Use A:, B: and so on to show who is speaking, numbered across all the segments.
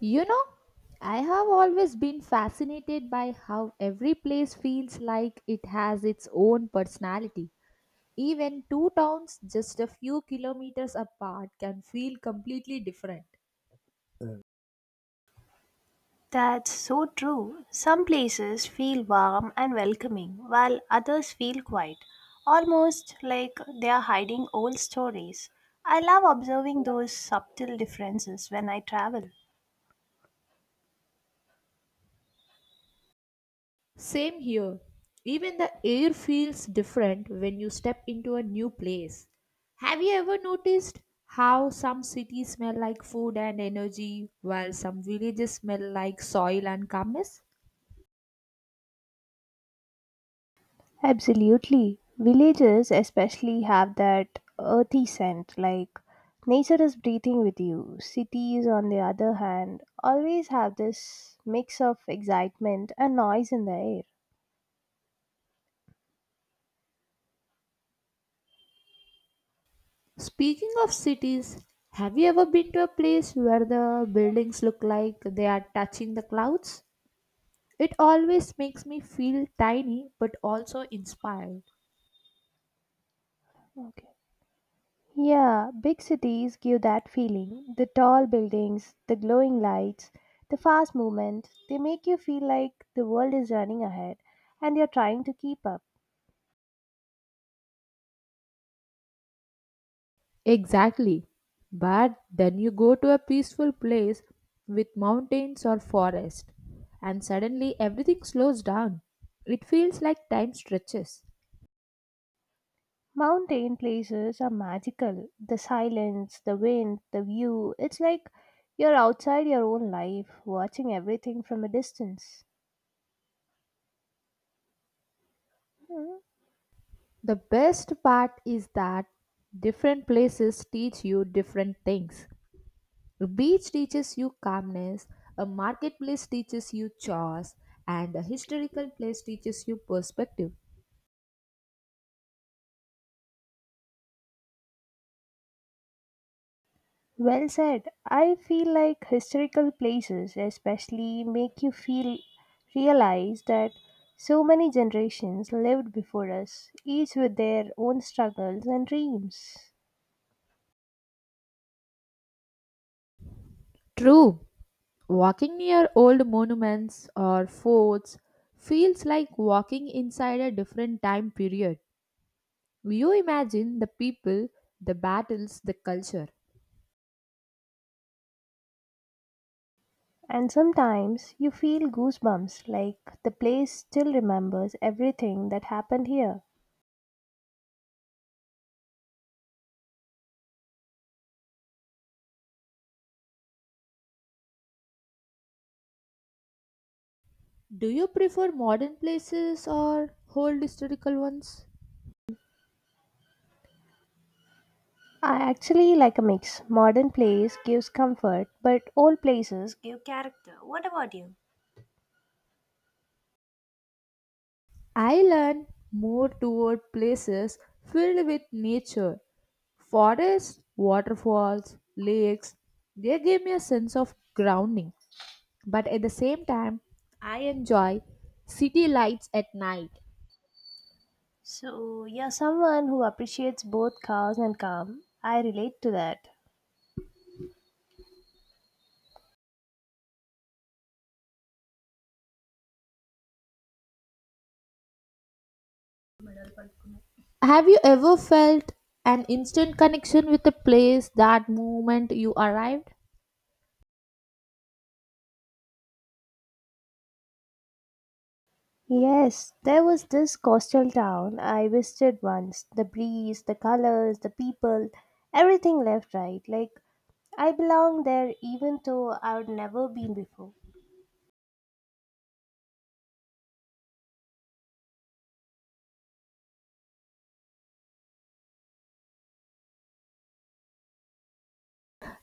A: You know, I have always been fascinated by how every place feels like it has its own personality. Even two towns just a few kilometers apart can feel completely different.
B: That's so true. Some places feel warm and welcoming, while others feel quiet, almost like they are hiding old stories. I love observing those subtle differences when I travel.
A: Same here. Even the air feels different when you step into a new place. Have you ever noticed how some cities smell like food and energy while some villages smell like soil and calmness?
B: Absolutely. Villages especially have that earthy scent, like nature is breathing with you. Cities, on the other hand, always have this mix of excitement and noise in the air.
A: Speaking of cities, have you ever been to a place where the buildings look like they are touching the clouds? It always makes me feel tiny but also inspired.
B: Okay. Yeah, big cities give that feeling. The tall buildings, the glowing lights, the fast movement, they make you feel like the world is running ahead and you're trying to keep up.
A: Exactly. But then you go to a peaceful place with mountains or forest, and suddenly everything slows down. It feels like time stretches.
B: Mountain places are magical. The silence, the wind, the view, it's like you're outside your own life, watching everything from a distance. Hmm.
A: The best part is that different places teach you different things. A beach teaches you calmness, a marketplace teaches you chores, and a historical place teaches you perspective.
B: Well said. I feel like historical places especially make you feel realize that so many generations lived before us, each with their own struggles and dreams.
A: True, walking near old monuments or forts feels like walking inside a different time period. You imagine the people, the battles, the culture.
B: And sometimes you feel goosebumps like the place still remembers everything that happened here.
A: Do you prefer modern places or old historical ones?
B: I actually like a mix. Modern place gives comfort, but old places give character. What about you?
A: I lean more toward places filled with nature. Forests, waterfalls, lakes, they give me a sense of grounding. But at the same time, I enjoy city lights at night.
B: So, you're someone who appreciates both cows and calm. I relate to that.
A: Have you ever felt an instant connection with a place that moment you arrived?
B: Yes, there was this coastal town I visited once. The breeze, the colors, the people, everything left right. Like, I belong there even though I've never been before.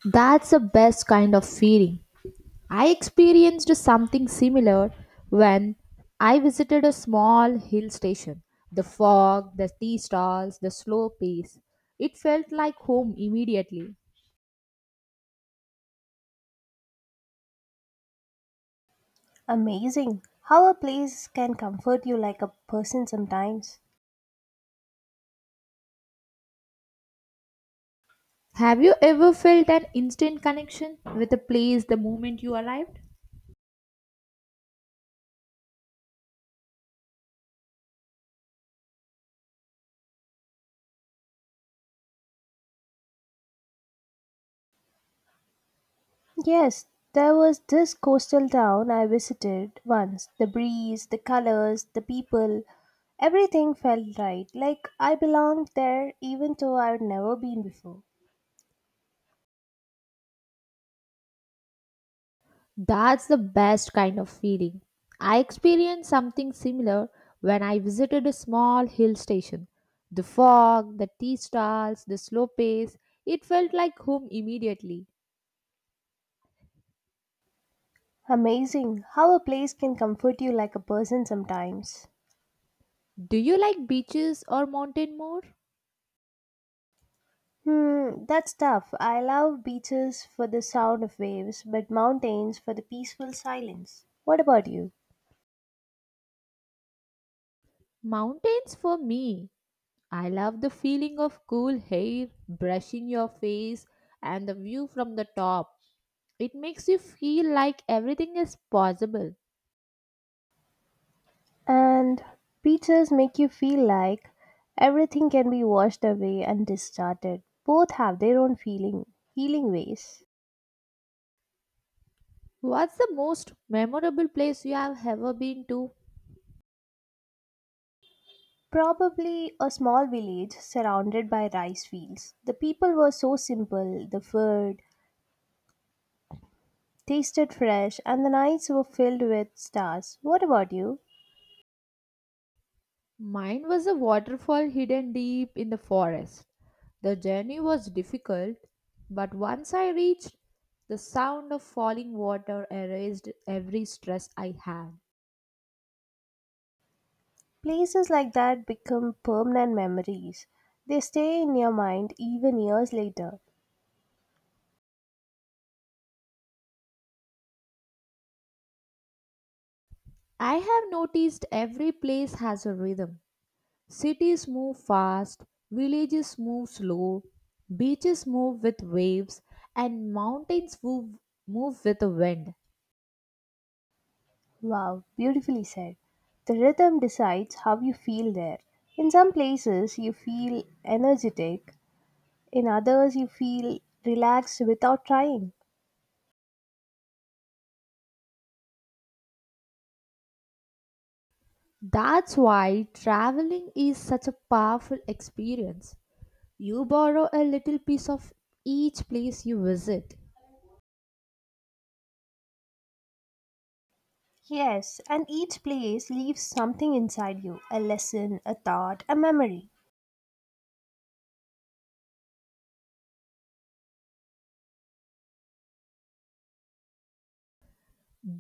A: That's the best kind of feeling. I experienced something similar when I visited a small hill station. The fog, the tea stalls, the slow pace. It felt like home immediately.
B: Amazing how a place can comfort you like a person sometimes.
A: Have you ever felt an instant connection with a place the moment you arrived?
B: Yes, there was this coastal town I visited once. The breeze, the colors, the people, everything felt right. Like I belonged there even though I'd never been before.
A: That's the best kind of feeling. I experienced something similar when I visited a small hill station. The fog, the tea stalls, the slow pace, it felt like home immediately.
B: Amazing how a place can comfort you like a person sometimes.
A: Do you like beaches or mountain more?
B: Hmm, that's tough. I love beaches for the sound of waves, but mountains for the peaceful silence. What about you?
A: Mountains for me. I love the feeling of cool hair brushing your face and the view from the top. It makes you feel like everything is possible.
B: And beaches make you feel like everything can be washed away and discarded. Both have their own feeling, healing ways.
A: What's the most memorable place you have ever been to?
B: Probably a small village surrounded by rice fields. The people were so simple, the food tasted fresh, and the nights were filled with stars. What about you?
A: Mine was a waterfall hidden deep in the forest. The journey was difficult, but once I reached, the sound of falling water erased every stress I had.
B: Places like that become permanent memories. They stay in your mind even years later.
A: I have noticed every place has a rhythm. Cities move fast, villages move slow, beaches move with waves, and mountains move with the wind.
B: Wow, beautifully said. The rhythm decides how you feel there. In some places, you feel energetic, in others, you feel relaxed without trying.
A: That's why traveling is such a powerful experience. You borrow a little piece of each place you visit.
B: Yes, and each place leaves something inside you a lesson, a thought, a memory.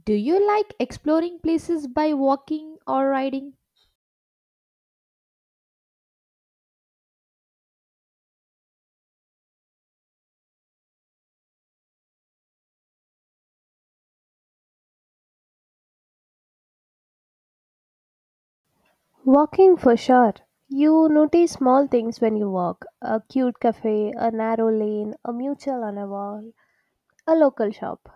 A: Do you like exploring places by walking or riding?
B: Walking for sure. You notice small things when you walk a cute cafe, a narrow lane, a mutual on a wall, a local shop.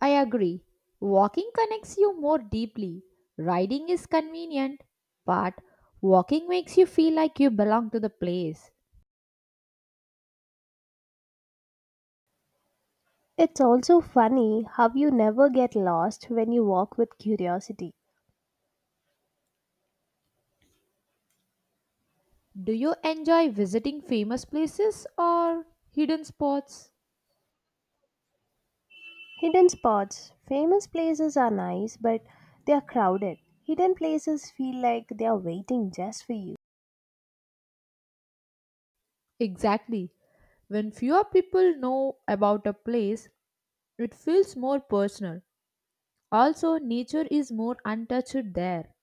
A: I agree. Walking connects you more deeply. Riding is convenient, but walking makes you feel like you belong to the place.
B: It's also funny how you never get lost when you walk with curiosity.
A: Do you enjoy visiting famous places or hidden spots?
B: Hidden spots. Famous places are nice, but they are crowded. Hidden places feel like they are waiting just for you.
A: Exactly. When fewer people know about a place, it feels more personal. Also, nature is more untouched there.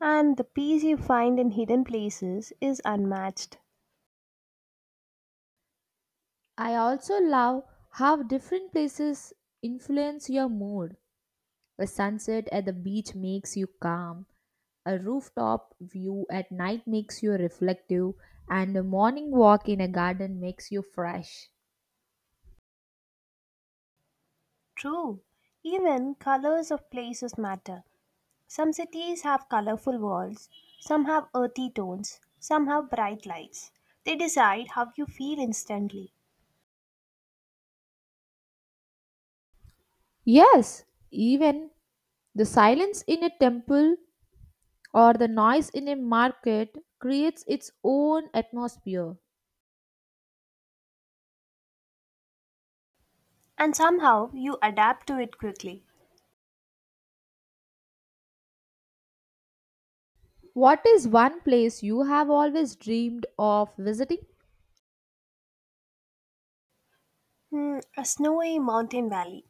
B: And the peace you find in hidden places is unmatched.
A: I also love how different places influence your mood. A sunset at the beach makes you calm. A rooftop view at night makes you reflective, and a morning walk in a garden makes you fresh.
B: True. Even colors of places matter. Some cities have colorful walls, some have earthy tones, some have bright lights. They decide how you feel instantly,
A: Yes, even the silence in a temple or the noise in a market creates its own atmosphere.
B: and somehow you adapt to it quickly.
A: What is one place you have always dreamed of visiting?
B: Hmm, a snowy mountain valley.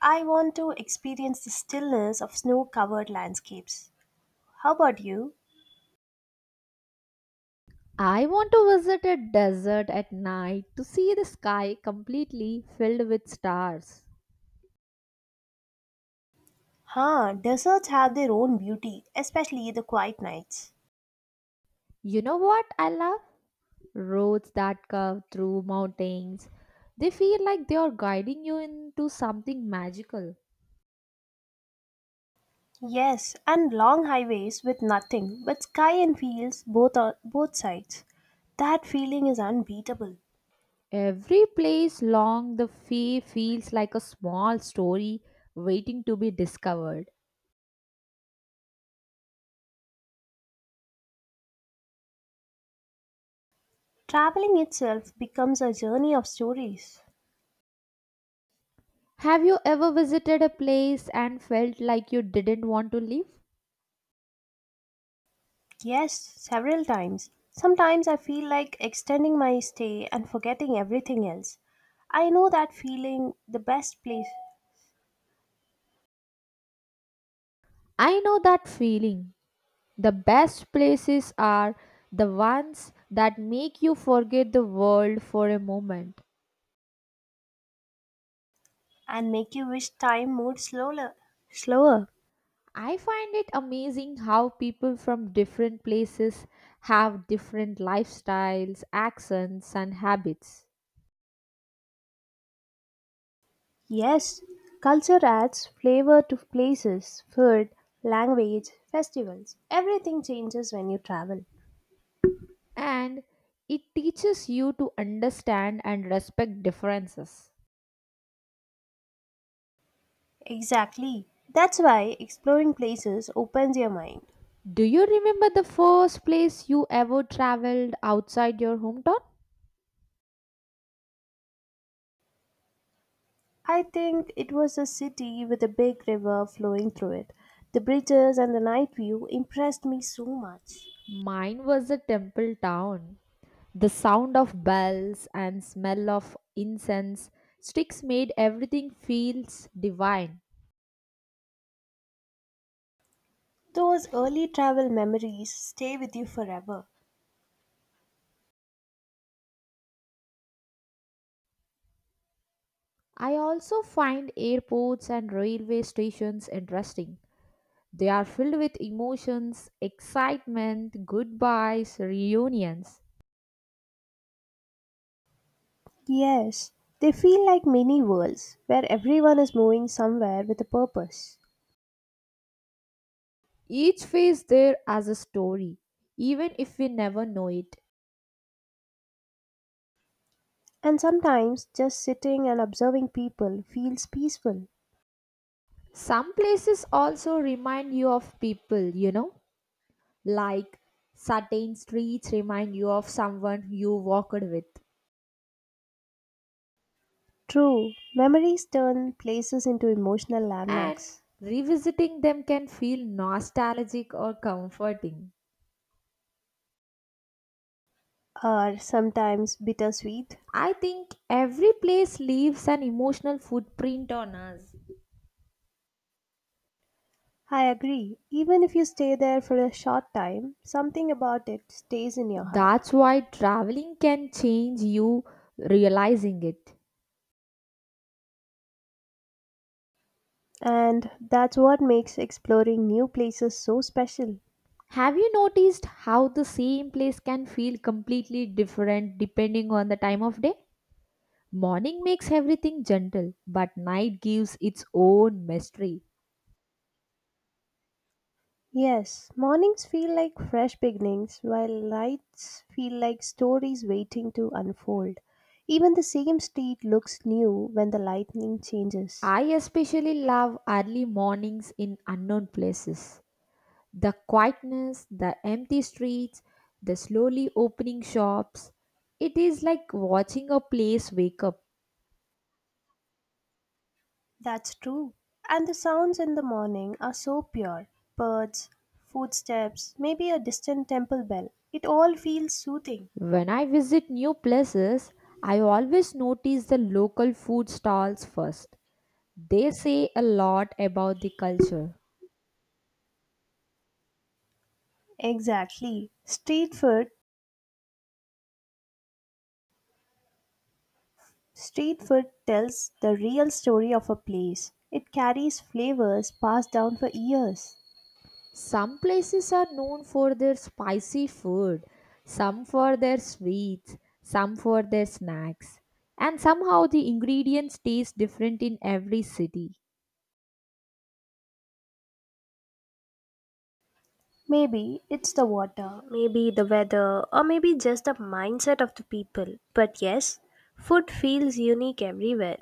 B: I want to experience the stillness of snow covered landscapes. How about you?
A: I want to visit a desert at night to see the sky completely filled with stars.
B: Huh, deserts have their own beauty, especially the quiet nights.
A: You know what I love? Roads that curve through mountains. They feel like they are guiding you into something magical.
B: Yes, and long highways with nothing but sky and fields both on both sides. That feeling is unbeatable.
A: Every place along the way feels like a small story waiting to be discovered.
B: Traveling itself becomes a journey of stories.
A: Have you ever visited a place and felt like you didn't want to leave?
B: Yes, several times. Sometimes I feel like extending my stay and forgetting everything else. I know that feeling the best place
A: I know that feeling. The best places are the ones that make you forget the world for a moment.
B: and make you wish time moved slower. Slower.
A: I find it amazing how people from different places have different lifestyles, accents, and habits.
B: Yes, culture adds flavor to places, food, language, festivals. Everything changes when you travel.
A: And it teaches you to understand and respect differences.
B: Exactly. That's why exploring places opens your mind.
A: Do you remember the first place you ever traveled outside your hometown?
B: I think it was a city with a big river flowing through it. The bridges and the night view impressed me so much.
A: Mine was a temple town. The sound of bells and smell of incense sticks made everything feels divine.
B: Those early travel memories stay with you forever.
A: I also find airports and railway stations interesting. They are filled with emotions, excitement, goodbyes, reunions.
B: Yes, they feel like mini worlds where everyone is moving somewhere with a purpose.
A: Each phase there has a story, even if we never know it.
B: And sometimes just sitting and observing people feels peaceful.
A: Some places also remind you of people, you know, like certain streets remind you of someone you walked with,
B: True, memories turn places into emotional
A: and
B: landmarks,
A: revisiting them can feel nostalgic or comforting.
B: or sometimes bittersweet.
A: I think every place leaves an emotional footprint on us.
B: I agree. Even if you stay there for a short time, something about it stays in your heart.
A: That's why traveling can change you realizing it.
B: And that's what makes exploring new places so special.
A: Have you noticed how the same place can feel completely different depending on the time of day? Morning makes everything gentle, but night gives its own mystery.
B: Yes, mornings feel like fresh beginnings, while nights feel like stories waiting to unfold. Even the same street looks new when the lightning changes.
A: I especially love early mornings in unknown places. The quietness, the empty streets, the slowly opening shops. It is like watching a place wake up.
B: That's true. And the sounds in the morning are so pure birds, footsteps, maybe a distant temple bell. It all feels soothing.
A: When I visit new places, I always notice the local food stalls first. They say a lot about the culture.
B: Exactly. Street food tells the real story of a place. It carries flavors passed down for years.
A: Some places are known for their spicy food, some for their sweets, some for their snacks, and somehow the ingredients taste different in every city.
B: Maybe it's the water, maybe the weather, or maybe just the mindset of the people. But yes, food feels unique everywhere.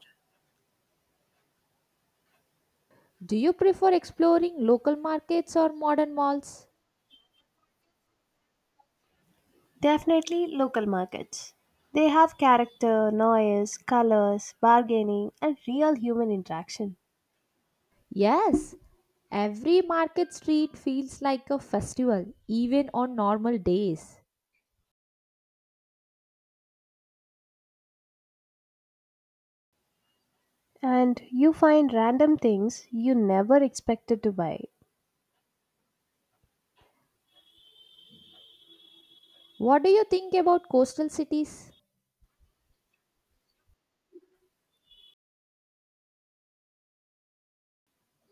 A: Do you prefer exploring local markets or modern malls?
B: Definitely local markets. They have character, noise, colors, bargaining, and real human interaction.
A: Yes, every market street feels like a festival, even on normal days.
B: And you find random things you never expected to buy.
A: What do you think about coastal cities?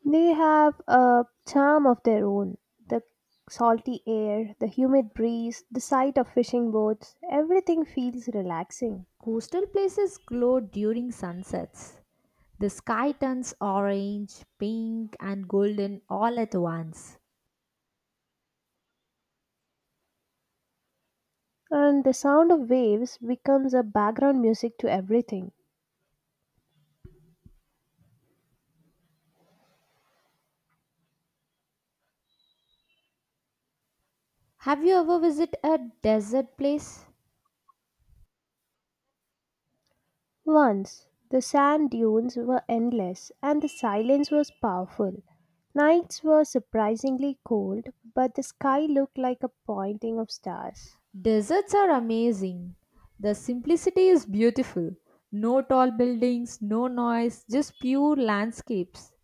B: They have a charm of their own. The salty air, the humid breeze, the sight of fishing boats, everything feels relaxing.
A: Coastal places glow during sunsets. The sky turns orange, pink, and golden all at once.
B: And the sound of waves becomes a background music to everything.
A: Have you ever visited a desert place?
B: Once, the sand dunes were endless and the silence was powerful. Nights were surprisingly cold, but the sky looked like a pointing of stars.
A: Deserts are amazing. The simplicity is beautiful. No tall buildings, no noise, just pure landscapes.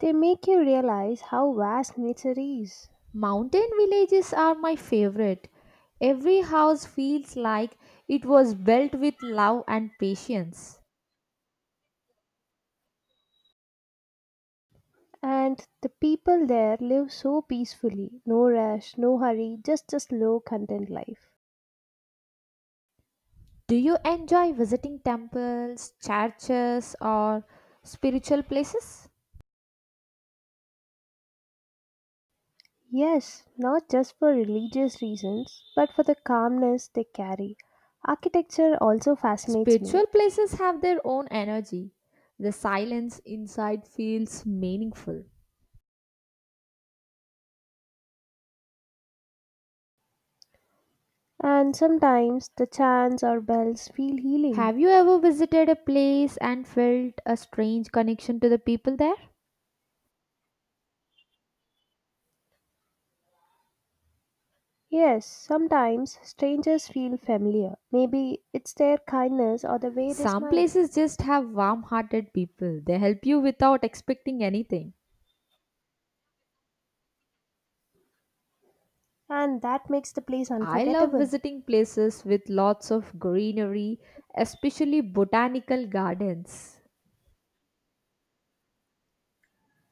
B: They make you realize how vast nature is.
A: Mountain villages are my favorite. Every house feels like it was built with love and patience.
B: And the people there live so peacefully. No rush, no hurry, just a slow, content life.
A: Do you enjoy visiting temples, churches, or spiritual places?
B: Yes, not just for religious reasons, but for the calmness they carry. Architecture also fascinates me.
A: Spiritual places have their own energy. The silence inside feels meaningful.
B: And sometimes the chants or bells feel healing.
A: Have you ever visited a place and felt a strange connection to the people there?
B: Yes, sometimes strangers feel familiar. Maybe it's their kindness or the way they
A: Some
B: smile.
A: places just have warm hearted people. They help you without expecting anything.
B: And that makes the place
A: I love
B: unforgettable.
A: visiting places with lots of greenery, especially botanical gardens.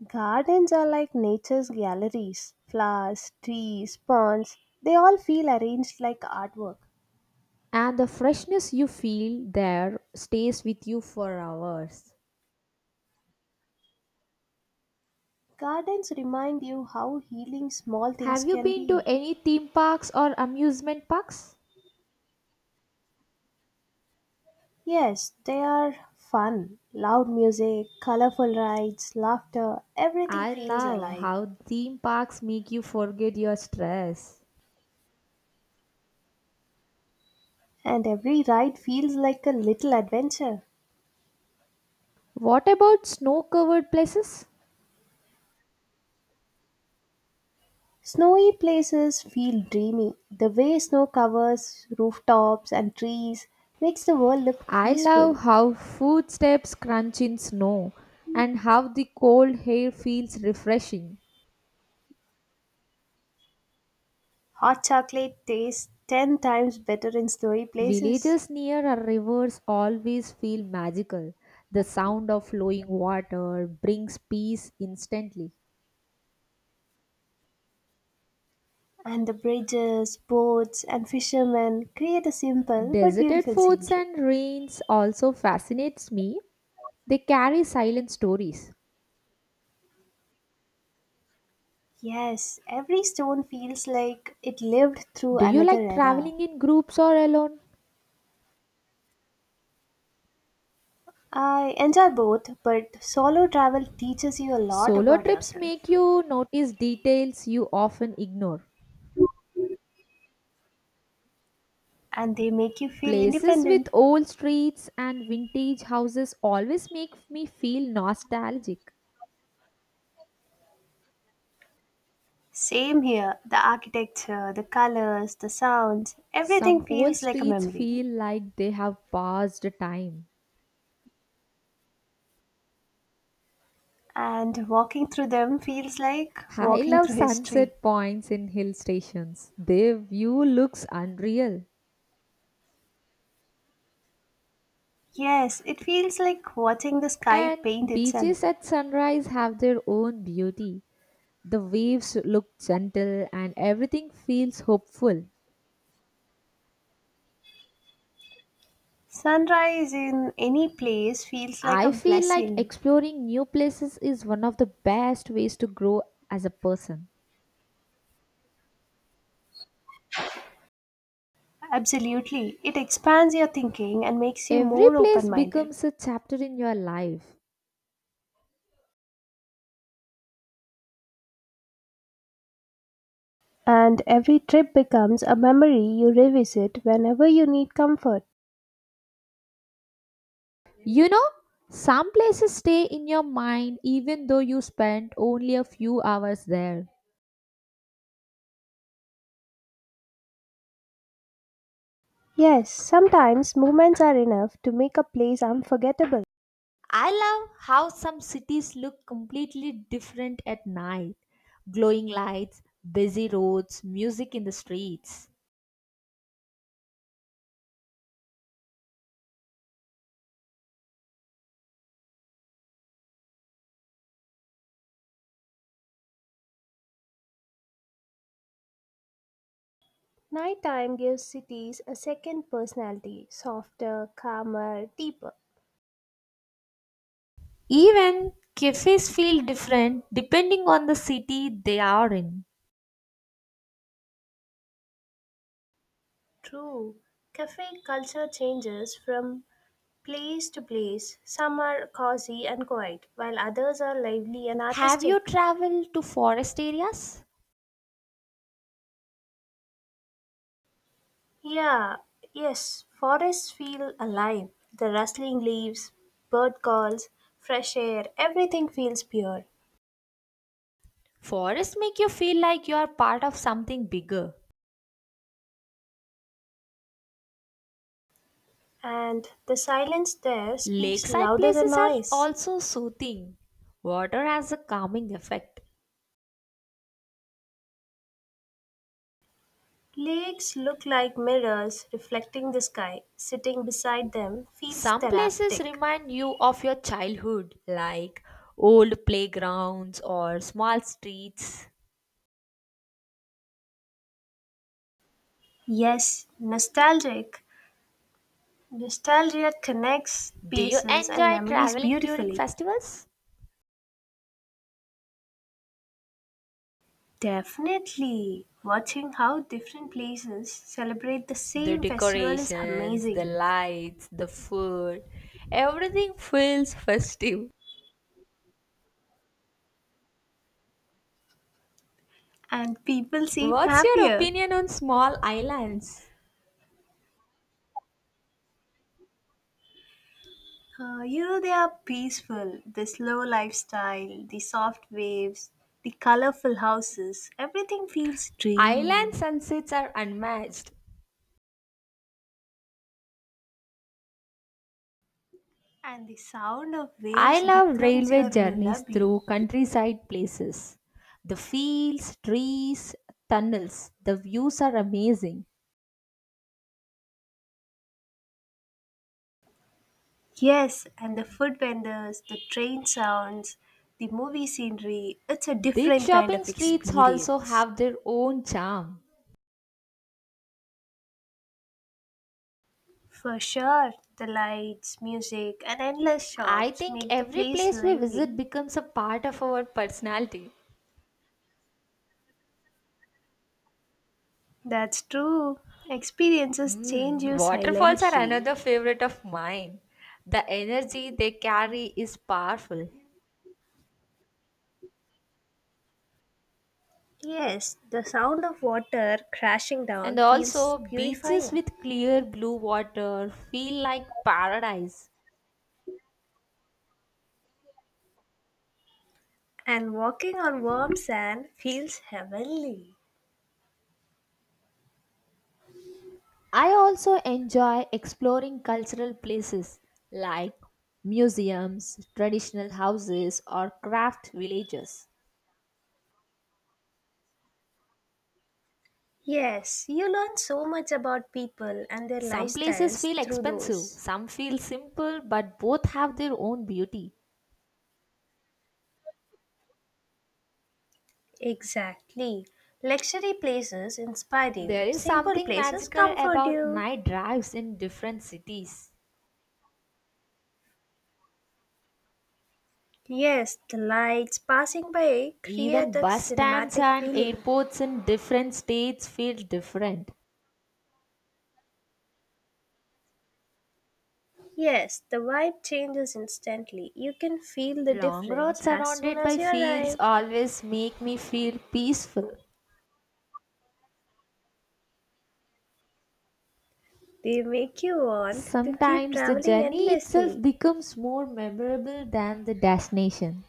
B: Gardens are like nature's galleries. Flowers, trees, ponds, they all feel arranged like artwork.
A: And the freshness you feel there stays with you for hours.
B: Gardens remind you how healing small things
A: Have you
B: can
A: been to
B: be.
A: any theme parks or amusement parks?
B: Yes, they are fun. Loud music, colorful rides, laughter, everything
A: I
B: feels
A: love
B: alive.
A: how theme parks make you forget your stress.
B: And every ride feels like a little adventure.
A: What about snow covered places?
B: Snowy places feel dreamy. The way snow covers rooftops and trees makes the world look
A: I
B: peaceful.
A: love how footsteps crunch in snow and how the cold air feels refreshing.
B: Hot chocolate tastes 10 times better in snowy places.
A: Villages near our rivers always feel magical. The sound of flowing water brings peace instantly.
B: And the bridges, boats, and fishermen create a simple but
A: Deserted
B: beautiful
A: forts
B: scenery.
A: and ruins also fascinates me. They carry silent stories.
B: Yes, every stone feels like it lived through
A: Do you
B: another
A: like
B: era.
A: traveling in groups or alone?
B: I enjoy both, but solo travel teaches you a lot
A: Solo
B: about
A: trips
B: yourself
A: make you notice details you often ignore.
B: and they make you feel
A: Places with
B: independent.
A: old streets and vintage houses always make me feel nostalgic.
B: Same here, the architecture, the colors, the sounds,
A: Some
B: everything
A: old
B: feels like a
A: streets
B: memory.
A: feel like they have passed time.
B: And walking through them feels like
A: I
B: walking
A: love
B: through history.
A: sunset points in hill stations. Their view looks unreal.
B: Yes, it feels like watching the sky
A: And
B: paint itself.
A: beaches at sunrise have their own beauty. The waves look gentle and everything feels hopeful.
B: Sunrise in any place feels like a
A: I feel like
B: blessing.
A: exploring new places is one of the best ways to grow as a person.
B: Absolutely. It expands your thinking and makes you
A: Every
B: more
A: place
B: open minded.
A: becomes a chapter in your life.
B: And every trip becomes a memory you revisit whenever you need comfort.
A: You know, some places stay in your mind even though you spent only a few hours there.
B: Yes, sometimes moments are enough to make a place unforgettable.
A: I love how some cities look completely different at night, glowing lights, busy roads, music in the streets.
B: Nighttime gives cities a second personality, softer, calmer, deeper.
A: Even cafes feel different depending on the city they are in.
B: True. Cafe culture changes from place to place. Some are cozy and quiet, while others are lively and
A: Have you
B: artistic.
A: traveled to forest areas?
B: Yeah, yes, forests feel alive. The rustling leaves, bird calls, fresh air, everything feels pure.
A: Forests make you feel like you are part of something bigger.
B: And the silence there speaks
A: Lakeside
B: louder than
A: places are
B: noise.
A: also soothing. Water has a calming effect.
B: Lakes look like mirrors reflecting the sky. Sitting beside them feels
A: Some places
B: therapeutic.
A: remind you of your childhood, like old playgrounds or small streets.
B: Yes, nostalgic. Nostalgia connects
A: Do you
B: places and
A: enjoy
B: memories
A: traveling during
B: beautifully.
A: festivals?
B: Definitely. Watching how different places celebrate the
A: The
B: same festival is
A: decorations, the
B: amazing.
A: lights, the food, everything feels festive.
B: And people seem
A: What's your
B: happier.
A: opinion on small islands?
B: They are peaceful. The slow lifestyle, the soft waves, the colorful houses, everything feels
A: Island
B: dreamy.
A: sunsets are unmatched.
B: And the sound of
A: I
B: waves
A: love
B: becomes your
A: railway journeys
B: lullaby.
A: through countryside places. The fields, trees, tunnels, the views are amazing.
B: Yes, and the food vendors, the train sounds, the movie scenery, it's a
A: Big
B: different kind
A: shopping
B: of
A: streets also
B: experience.
A: have their own charm.
B: For sure, the lights, music, and endless
A: I
B: shops
A: think
B: make the
A: every
B: place
A: place we visit
B: lively.
A: becomes a part of our personality.
B: That's true. Experiences change
A: Mm,
B: you
A: waterfalls are
B: silently.
A: another favorite of mine. The energy they carry is powerful.
B: Yes, the sound of water crashing
A: And
B: down feels
A: also, beaches
B: purifying,
A: with clear blue water feel like paradise.
B: and walking on warm sand feels heavenly.
A: I also enjoy exploring cultural places like museums, traditional houses, or craft villages.
B: Yes, you learn so much about people and their
A: Some places
B: lifestyles
A: feel
B: through
A: expensive,
B: those.
A: some feel simple, but both have their own beauty.
B: Exactly. Luxury places inspire you,
A: There is
B: simple
A: something
B: places
A: magical
B: comfort
A: about
B: you.
A: night drives in different cities.
B: Yes, the lights passing by create
A: Even
B: a
A: bus stands
B: cinematic
A: and
B: feeling.
A: airports in different states feel different.
B: Yes, the vibe changes instantly. You can feel the
A: Long roads
B: difference as soon
A: surrounded
B: as
A: by
B: you
A: fields
B: arrive.
A: always make me feel peaceful.
B: They make you want to keep
A: Sometimes the
B: traveling
A: journey itself
B: endlessly.
A: becomes more memorable than the destination.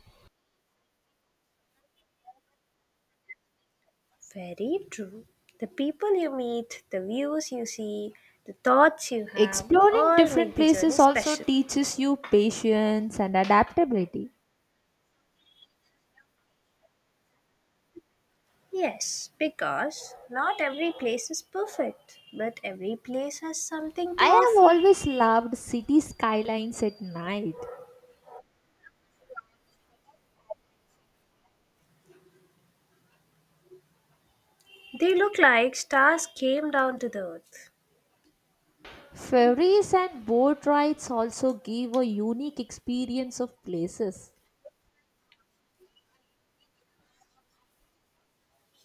B: Very true. The people you meet, the views you see, the thoughts you have
A: Exploring
B: all
A: different
B: make the journey
A: places also
B: special.
A: teaches you patience and adaptability.
B: Yes, because not every place is perfect, but every place has something to
A: I have
B: offer.
A: always loved city skylines at night.
B: They look like stars came down to the earth.
A: Ferries and boat rides also give a unique experience of places.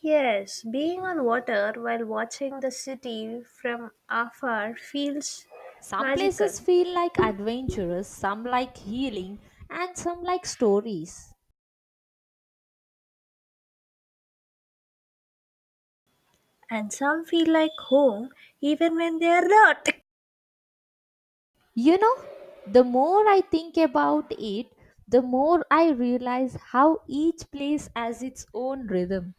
B: Yes, being on water while watching the city from afar feels
A: Some
B: magical.
A: places feel like adventurous, some like healing, and some like stories.
B: And some feel like home even when they are not.
A: You know, the more I think about it, the more I realize how each place has its own rhythm.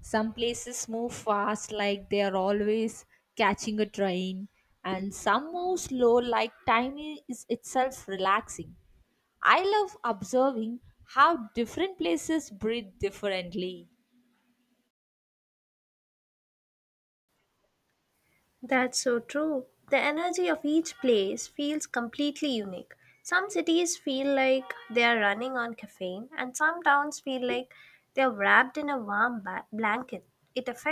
A: Some places move fast, like they are always catching a train, and some move slow, like time is itself relaxing. I love observing how different places breathe differently.
B: That's so true. The energy of each place feels completely unique. Some cities feel like they are running on caffeine, and some towns feel like they are wrapped in a warm blanket. It affects